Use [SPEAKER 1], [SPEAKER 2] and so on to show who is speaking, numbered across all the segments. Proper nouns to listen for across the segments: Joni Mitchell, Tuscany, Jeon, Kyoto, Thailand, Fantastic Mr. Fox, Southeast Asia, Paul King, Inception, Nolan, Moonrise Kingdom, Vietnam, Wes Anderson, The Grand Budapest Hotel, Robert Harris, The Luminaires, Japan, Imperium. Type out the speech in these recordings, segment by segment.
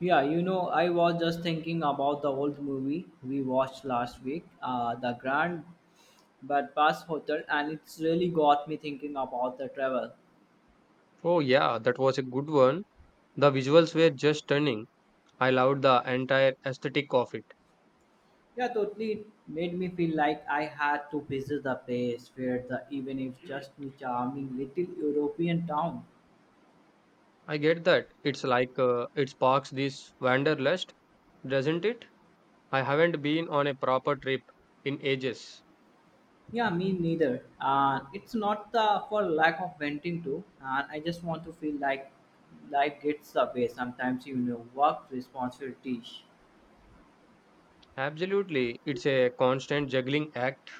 [SPEAKER 1] Yeah, you know, I was just thinking about the old movie we watched last week, The Grand Budapest Hotel, and it's really got me thinking about the travel.
[SPEAKER 2] Oh, yeah, that was a good one. The visuals were just stunning. I loved the entire aesthetic of it.
[SPEAKER 1] Yeah, totally. It made me feel like I had to visit the place where the even if just a charming little European town.
[SPEAKER 2] I get that. It's like it sparks this wanderlust, doesn't it? I haven't been on a proper trip in ages.
[SPEAKER 1] Yeah, me neither. And it's not the for lack of venting to, and I just want to feel like life gets away sometimes, you know, work responsibilities.
[SPEAKER 2] Absolutely, it's a constant juggling act.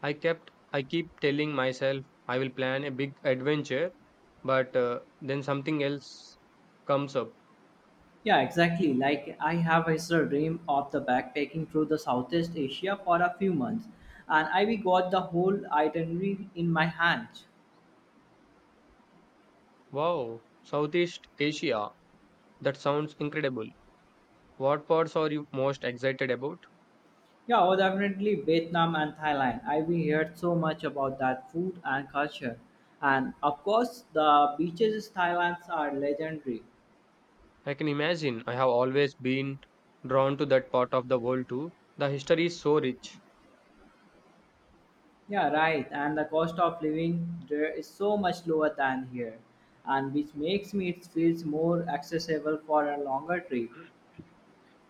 [SPEAKER 2] I keep telling myself I will plan a big adventure, but then something else comes up.
[SPEAKER 1] Yeah, exactly. Like I have is a dream of the backpacking through the Southeast Asia for a few months, and I we got the whole itinerary in my hand.
[SPEAKER 2] Wow, Southeast Asia. That sounds incredible. What parts are you most excited about?
[SPEAKER 1] Yeah, oh, definitely Vietnam and Thailand. I we heard so much about that food and culture, and of course the beaches in Thailand are legendary.
[SPEAKER 2] I can imagine. I have always been drawn to that part of the world too. The history is so rich.
[SPEAKER 1] Yeah, right. And the cost of living there is so much lower than here, and which makes me it feels more accessible for a longer trip.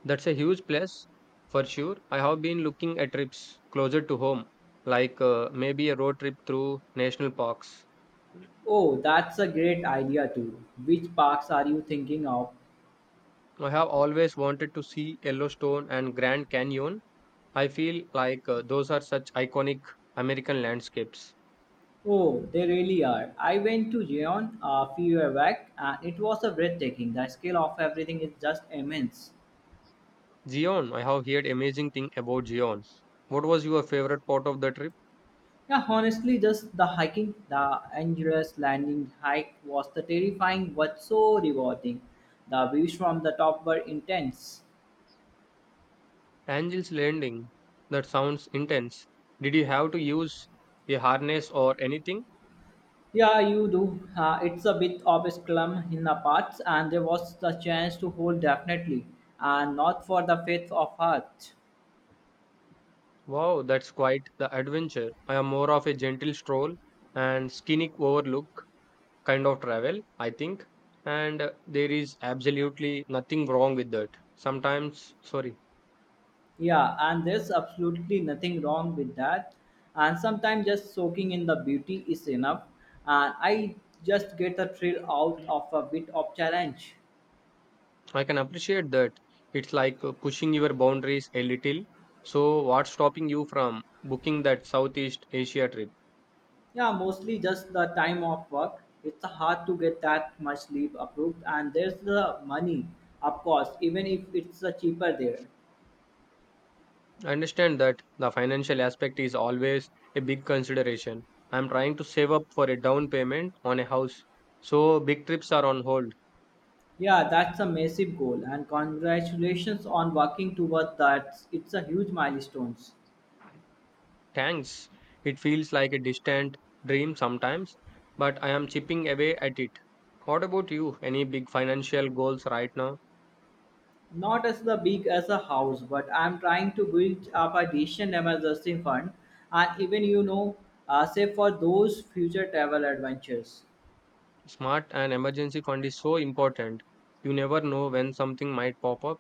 [SPEAKER 2] That's a huge plus for sure. I have been looking at trips closer to home, like maybe a road trip through national parks.
[SPEAKER 1] Oh, that's a great idea too. Which parks are you thinking of?
[SPEAKER 2] I have always wanted to see Yellowstone and Grand Canyon. I feel like those are such iconic American landscapes.
[SPEAKER 1] Oh, they really are. I went to Jeon a few years back and it was a breathtaking. The scale of everything is just immense.
[SPEAKER 2] Zion, I have heard amazing thing about Zion. What was your favorite part of the trip?
[SPEAKER 1] Yeah, honestly, just the hiking, the endurance landing hike was the terrifying but so rewarding. The views from the top were intense.
[SPEAKER 2] Angel's Landing. That sounds intense. Did you have to use a harness or anything?
[SPEAKER 1] Yeah, you do. It's a bit of a slum in the parts, and there was the chance to hold definitely, and not for the faith of heart.
[SPEAKER 2] Wow, that's quite the adventure. I am more of a gentle stroll and scenic overlook kind of travel, I think. And there is absolutely nothing wrong with that. Sometimes, sorry,
[SPEAKER 1] Yeah, and there's absolutely nothing wrong with that. And sometimes just soaking in the beauty is enough. And I just get the thrill out of a bit of challenge.
[SPEAKER 2] I can appreciate that. It's like pushing your boundaries a little. So, what's stopping you from booking that Southeast Asia trip?
[SPEAKER 1] Yeah, mostly just the time of work. It's hard to get that much sleep approved. And there's the money, of course, even if it's cheaper there.
[SPEAKER 2] I understand that the financial aspect is always a big consideration. I'm trying to save up for a down payment on a house, so big trips are on hold.
[SPEAKER 1] Yeah, that's a massive goal. And congratulations on working towards that. It's a huge milestone.
[SPEAKER 2] Thanks. It feels like a distant dream sometimes, but I am chipping away at it. What about you? Any big financial goals right now?
[SPEAKER 1] Not as the big as a house, but I'm trying to build up a decent emergency fund, and even you know, save for those future travel adventures.
[SPEAKER 2] Smart and emergency fund is so important. You never know when something might pop up.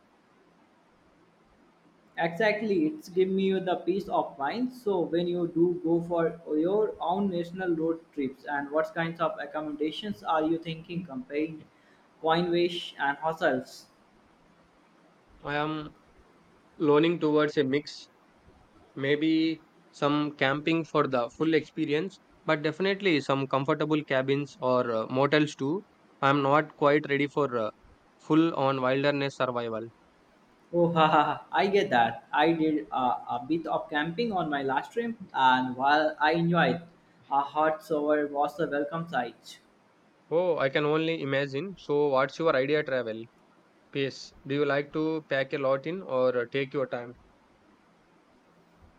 [SPEAKER 1] Exactly, it's give me the peace of mind. So when you do go for your own national road trips, and what kinds of accommodations are you thinking, comparing Coinwish and hostels?
[SPEAKER 2] I am leaning towards a mix. Maybe some camping for the full experience, but definitely some comfortable cabins or motels too. I'm not quite ready for full on wilderness survival.
[SPEAKER 1] Oh, ha, ha, ha. I get that. I did a bit of camping on my last trip, and while I enjoyed, a hot shower was a welcome sight.
[SPEAKER 2] Oh, I can only imagine. So, what's your idea travel? Pace. Do you like to pack a lot in or take your time?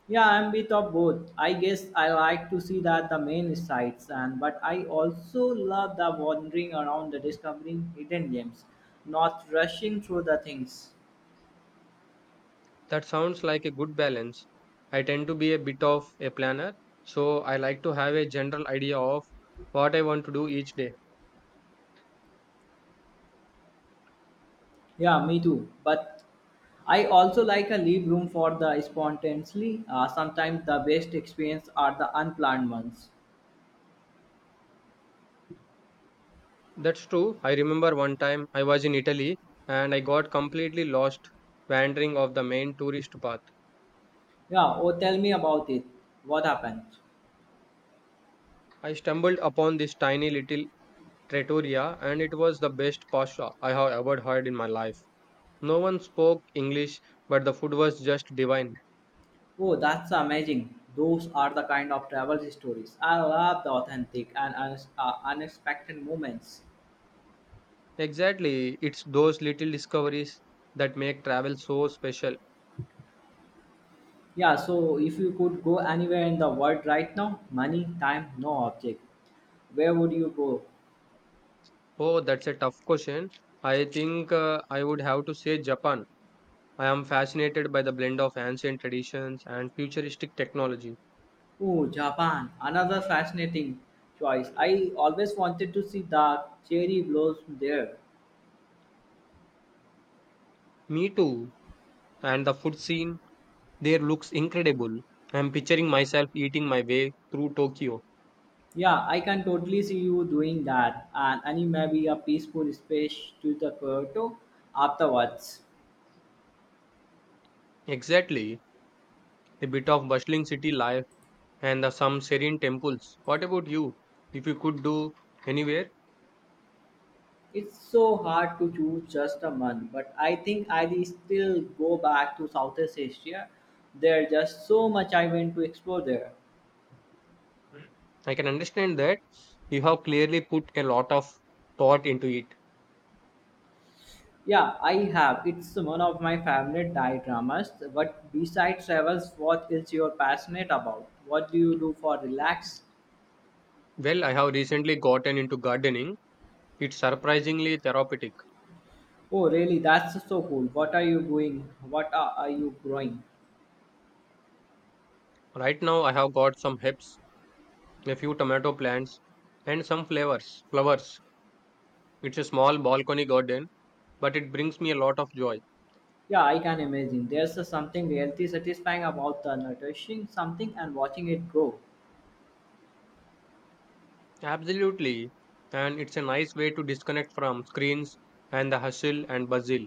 [SPEAKER 1] Yeah, I'm a bit of both. I guess I like to see that the main sights, and but I also love the wandering around the discovering hidden gems, not rushing through the things.
[SPEAKER 2] That sounds like a good balance. I tend to be a bit of a planner, so I like to have a general idea of what I want to do each day.
[SPEAKER 1] Yeah, me too. But I also like a leave room for the spontaneously. Sometimes the best experience are the unplanned ones.
[SPEAKER 2] That's true. I remember one time I was in Italy and I got completely lost wandering off the main tourist path.
[SPEAKER 1] Yeah, oh, tell me about it. What happened?
[SPEAKER 2] I stumbled upon this tiny little trattoria and it was the best pasta I have ever had in my life. No one spoke English, but the food was just divine.
[SPEAKER 1] Oh, that's amazing. Those are the kind of travel stories. I love the authentic and unexpected moments.
[SPEAKER 2] Exactly, it's those little discoveries that make travel so special.
[SPEAKER 1] Yeah, so if you could go anywhere in the world right now, money, time, no object, where would you go?
[SPEAKER 2] Oh, that's a tough question. I think I would have to say Japan. I am fascinated by the blend of ancient traditions and futuristic technology.
[SPEAKER 1] Oh, Japan, another fascinating choice. I always wanted to see the cherry blossom there.
[SPEAKER 2] Me too. And the food scene there looks incredible. I'm picturing myself eating my way through Tokyo.
[SPEAKER 1] Yeah, I can totally see you doing that, and maybe a peaceful space to the Kyoto afterwards.
[SPEAKER 2] Exactly. A bit of bustling city life and the, some serene temples. What about you? If you could do anywhere,
[SPEAKER 1] It's so hard to choose just a month, but I think I will still go back to Southeast Asia. There's just so much I want to explore there.
[SPEAKER 2] I can understand that you have clearly put a lot of thought into it.
[SPEAKER 1] Yeah, I have. It's one of my favorite Thai dramas. But besides travels, what is your passionate about? What do you do for relax?
[SPEAKER 2] Well, I have recently gotten into gardening. It's surprisingly therapeutic.
[SPEAKER 1] Oh, really? That's so cool. What are you doing? Are you growing?
[SPEAKER 2] Right now, I have got some herbs, a few tomato plants, and some flowers. Flowers. It's a small balcony garden but it brings me a lot of joy.
[SPEAKER 1] Yeah, I can imagine. There's a something really satisfying about the nourishing something and watching it grow.
[SPEAKER 2] Absolutely. And it's a nice way to disconnect from screens and the hustle and bustle.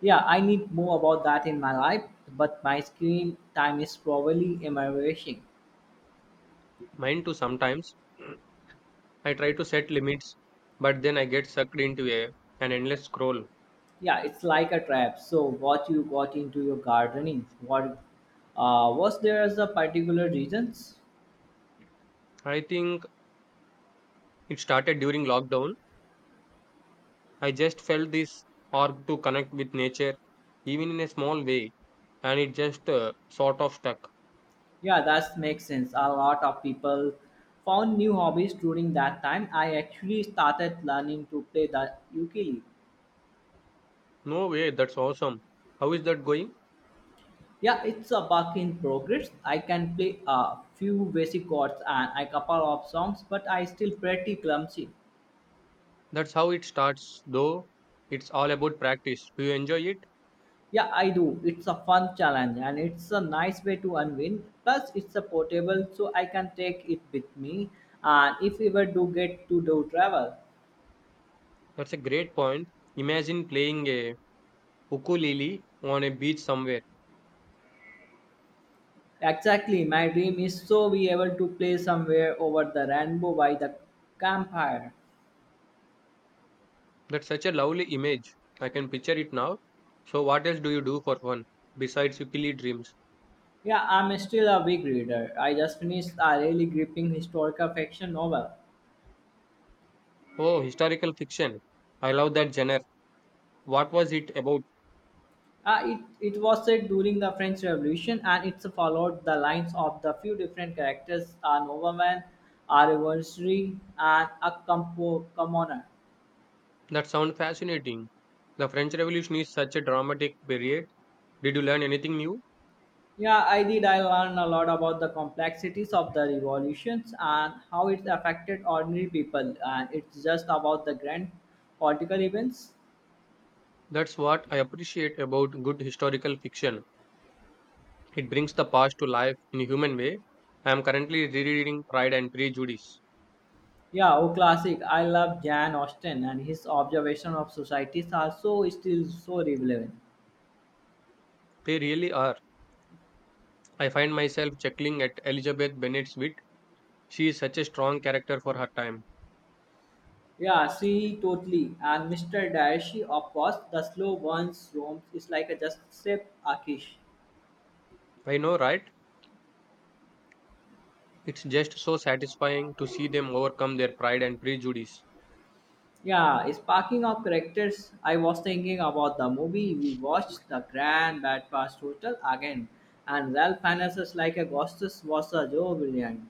[SPEAKER 1] Yeah, I need more about that in my life, but my screen time is probably embarrassing.
[SPEAKER 2] Mine too sometimes. I try to set limits, but then I get sucked into a an endless scroll.
[SPEAKER 1] Yeah, it's like a trap. So, what you got into your gardening? What was there as a particular reasons?
[SPEAKER 2] I think it started during lockdown. I just felt this urge to connect with nature, even in a small way, and it just sort of stuck.
[SPEAKER 1] Yeah, that makes sense. A lot of people found new hobbies during that time. I actually started learning to play the ukulele.
[SPEAKER 2] No way, that's awesome. How is that going?
[SPEAKER 1] Yeah, it's a work in progress. I can play a few basic chords and a couple of songs, but I still pretty clumsy.
[SPEAKER 2] That's how it starts, though. It's all about practice. Do you enjoy it?
[SPEAKER 1] Yeah, I do. It's a fun challenge and it's a nice way to unwind. Plus, it's a portable, so I can take it with me. And if we ever do get to do travel,
[SPEAKER 2] That's a great point. Imagine playing a ukulele on a beach somewhere.
[SPEAKER 1] exactly. My dream is so be able to play somewhere over the rainbow by the campfire.
[SPEAKER 2] That's such a lovely image. I can picture it now. So, what else do you do for fun besides ukulele dreams?
[SPEAKER 1] Yeah, I'm still a big reader. I just finished a really gripping historical fiction novel.
[SPEAKER 2] Oh, historical fiction. I love that genre. What was it about?
[SPEAKER 1] Uh, it was set during the French Revolution and it followed the lines of the few different characters a nobleman, a revolutionary, and a commoner.
[SPEAKER 2] That sounds fascinating. The French Revolution is such a dramatic period. Did you learn anything new?
[SPEAKER 1] Yeah, I did. I learned a lot about the complexities of the revolutions and how it affected ordinary people. And it's just about the grand political events.
[SPEAKER 2] That's what I appreciate about good historical fiction. It brings the past to life in a human way. I am currently rereading Pride and Prejudice.
[SPEAKER 1] Yeah, oh, classic. I love Jan Austen and his observation of societies are so still so relevant.
[SPEAKER 2] They really are. I find myself chuckling at Elizabeth Bennet's wit. She is such a strong character for her time.
[SPEAKER 1] Yeah, see, totally. And Mr. Daeshi of course, the slow ones roams is like a just step Akish.
[SPEAKER 2] I know, right? It's just so satisfying to see them overcome their pride and prejudice.
[SPEAKER 1] Yeah, sparking of characters, I was thinking about the movie we watched, The Grand Budapest Hotel again, and Ralph Fiennes is like a ghostess was a Joe brilliant.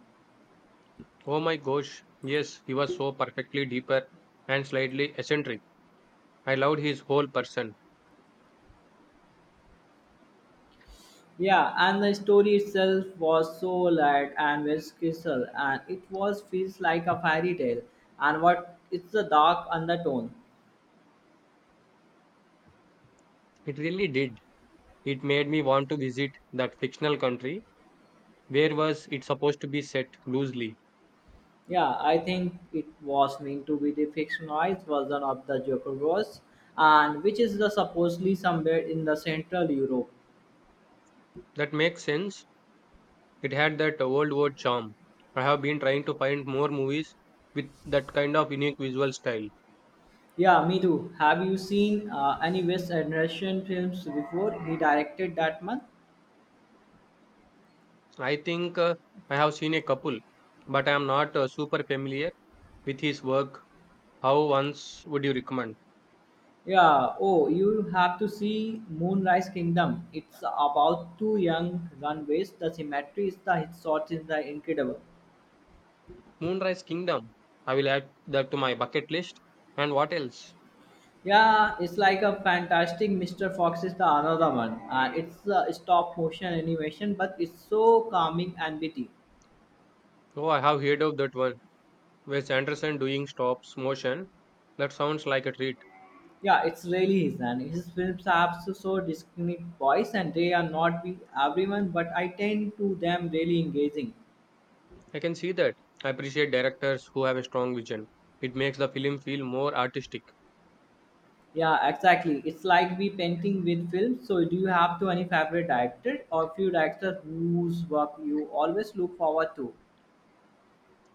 [SPEAKER 2] Oh my gosh, yes, he was so perfectly deeper and slightly eccentric. I loved his whole person.
[SPEAKER 1] Yeah, and the story itself was so light and whimsical, and it was feels like a fairy tale. And what it's the dark undertone.
[SPEAKER 2] It really did. It made me want to visit that fictional country. Where was it supposed to be set loosely?
[SPEAKER 1] Yeah, I think it was meant to be the fictionalized version of the Jokerverse, and which is the supposedly somewhere in the Central Europe.
[SPEAKER 2] That makes sense. It had that old world charm. I have been trying to find more movies with that kind of unique visual style.
[SPEAKER 1] Yeah, me too. Have you seen any Wes Anderson films before? He directed that one.
[SPEAKER 2] I think I have seen a couple, but I am not super familiar with his work. How once would you recommend?
[SPEAKER 1] Yeah. Oh, you have to see Moonrise Kingdom. It's about two young runaways. The symmetry is the shot is the incredible.
[SPEAKER 2] Moonrise Kingdom. I will add that to my bucket list. And what else?
[SPEAKER 1] Yeah, it's like a fantastic Mr. Fox is the another one. It's a stop motion animation, but it's so calming and witty.
[SPEAKER 2] Oh, I have heard of that one. Wes Anderson doing stop motion. That sounds like a treat.
[SPEAKER 1] Yeah, it's really his and his films have so distinct voice and they are not with everyone, but I tend to them really engaging.
[SPEAKER 2] I can see that. I appreciate directors who have a strong vision. It makes the film feel more artistic.
[SPEAKER 1] Yeah, exactly. It's like we painting with films. So do you have to any favorite director or few directors whose work you always look forward to?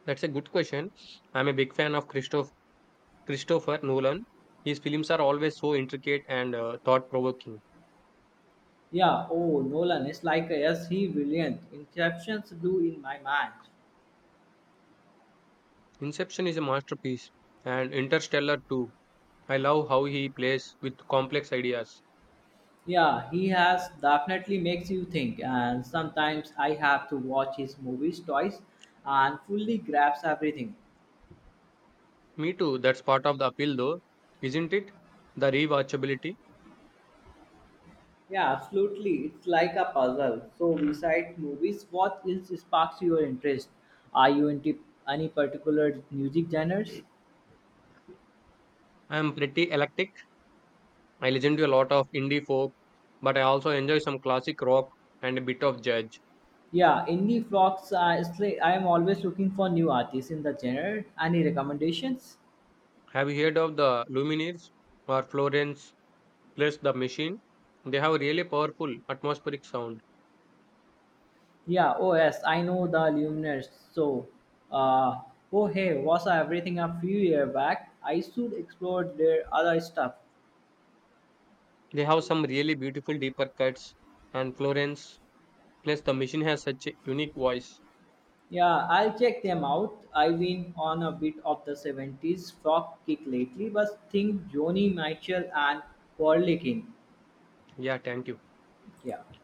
[SPEAKER 2] That's a good question. I'm a big fan of Christopher Nolan. His films are always so intricate and thought provoking.
[SPEAKER 1] Yeah, oh Nolan, it's like yes, he brilliant. Inceptions do in my mind.
[SPEAKER 2] Inception is a masterpiece, and Interstellar too. I love how he plays with complex ideas.
[SPEAKER 1] Yeah, he has definitely makes you think, and sometimes I have to watch his movies twice and fully grasp everything.
[SPEAKER 2] Me too, that's part of the appeal though, isn't it? The rewatchability.
[SPEAKER 1] Yeah, absolutely. It's like a puzzle. So, besides movies, what else sparks your interest? Are you into any particular music genres?
[SPEAKER 2] I am pretty eclectic. I listen to a lot of indie folk, but I also enjoy some classic rock and a bit of jazz.
[SPEAKER 1] Yeah, indie folks. I am always looking for new artists in the genre. Any recommendations?
[SPEAKER 2] Have you heard of the Lumineers or Florence plus the Machine? They have a really powerful atmospheric sound.
[SPEAKER 1] Yeah, oh yes, I know the luminaires. So, uh, oh hey, was everything a few year back? I should explore their other stuff.
[SPEAKER 2] They have some really beautiful deeper cuts, and Florence plus the Machine has such a unique voice.
[SPEAKER 1] Yeah, I'll check them out. I've been on a bit of the 70s rock kick lately, but think Joni Mitchell and Paul King.
[SPEAKER 2] Yeah, thank you.
[SPEAKER 1] Yeah.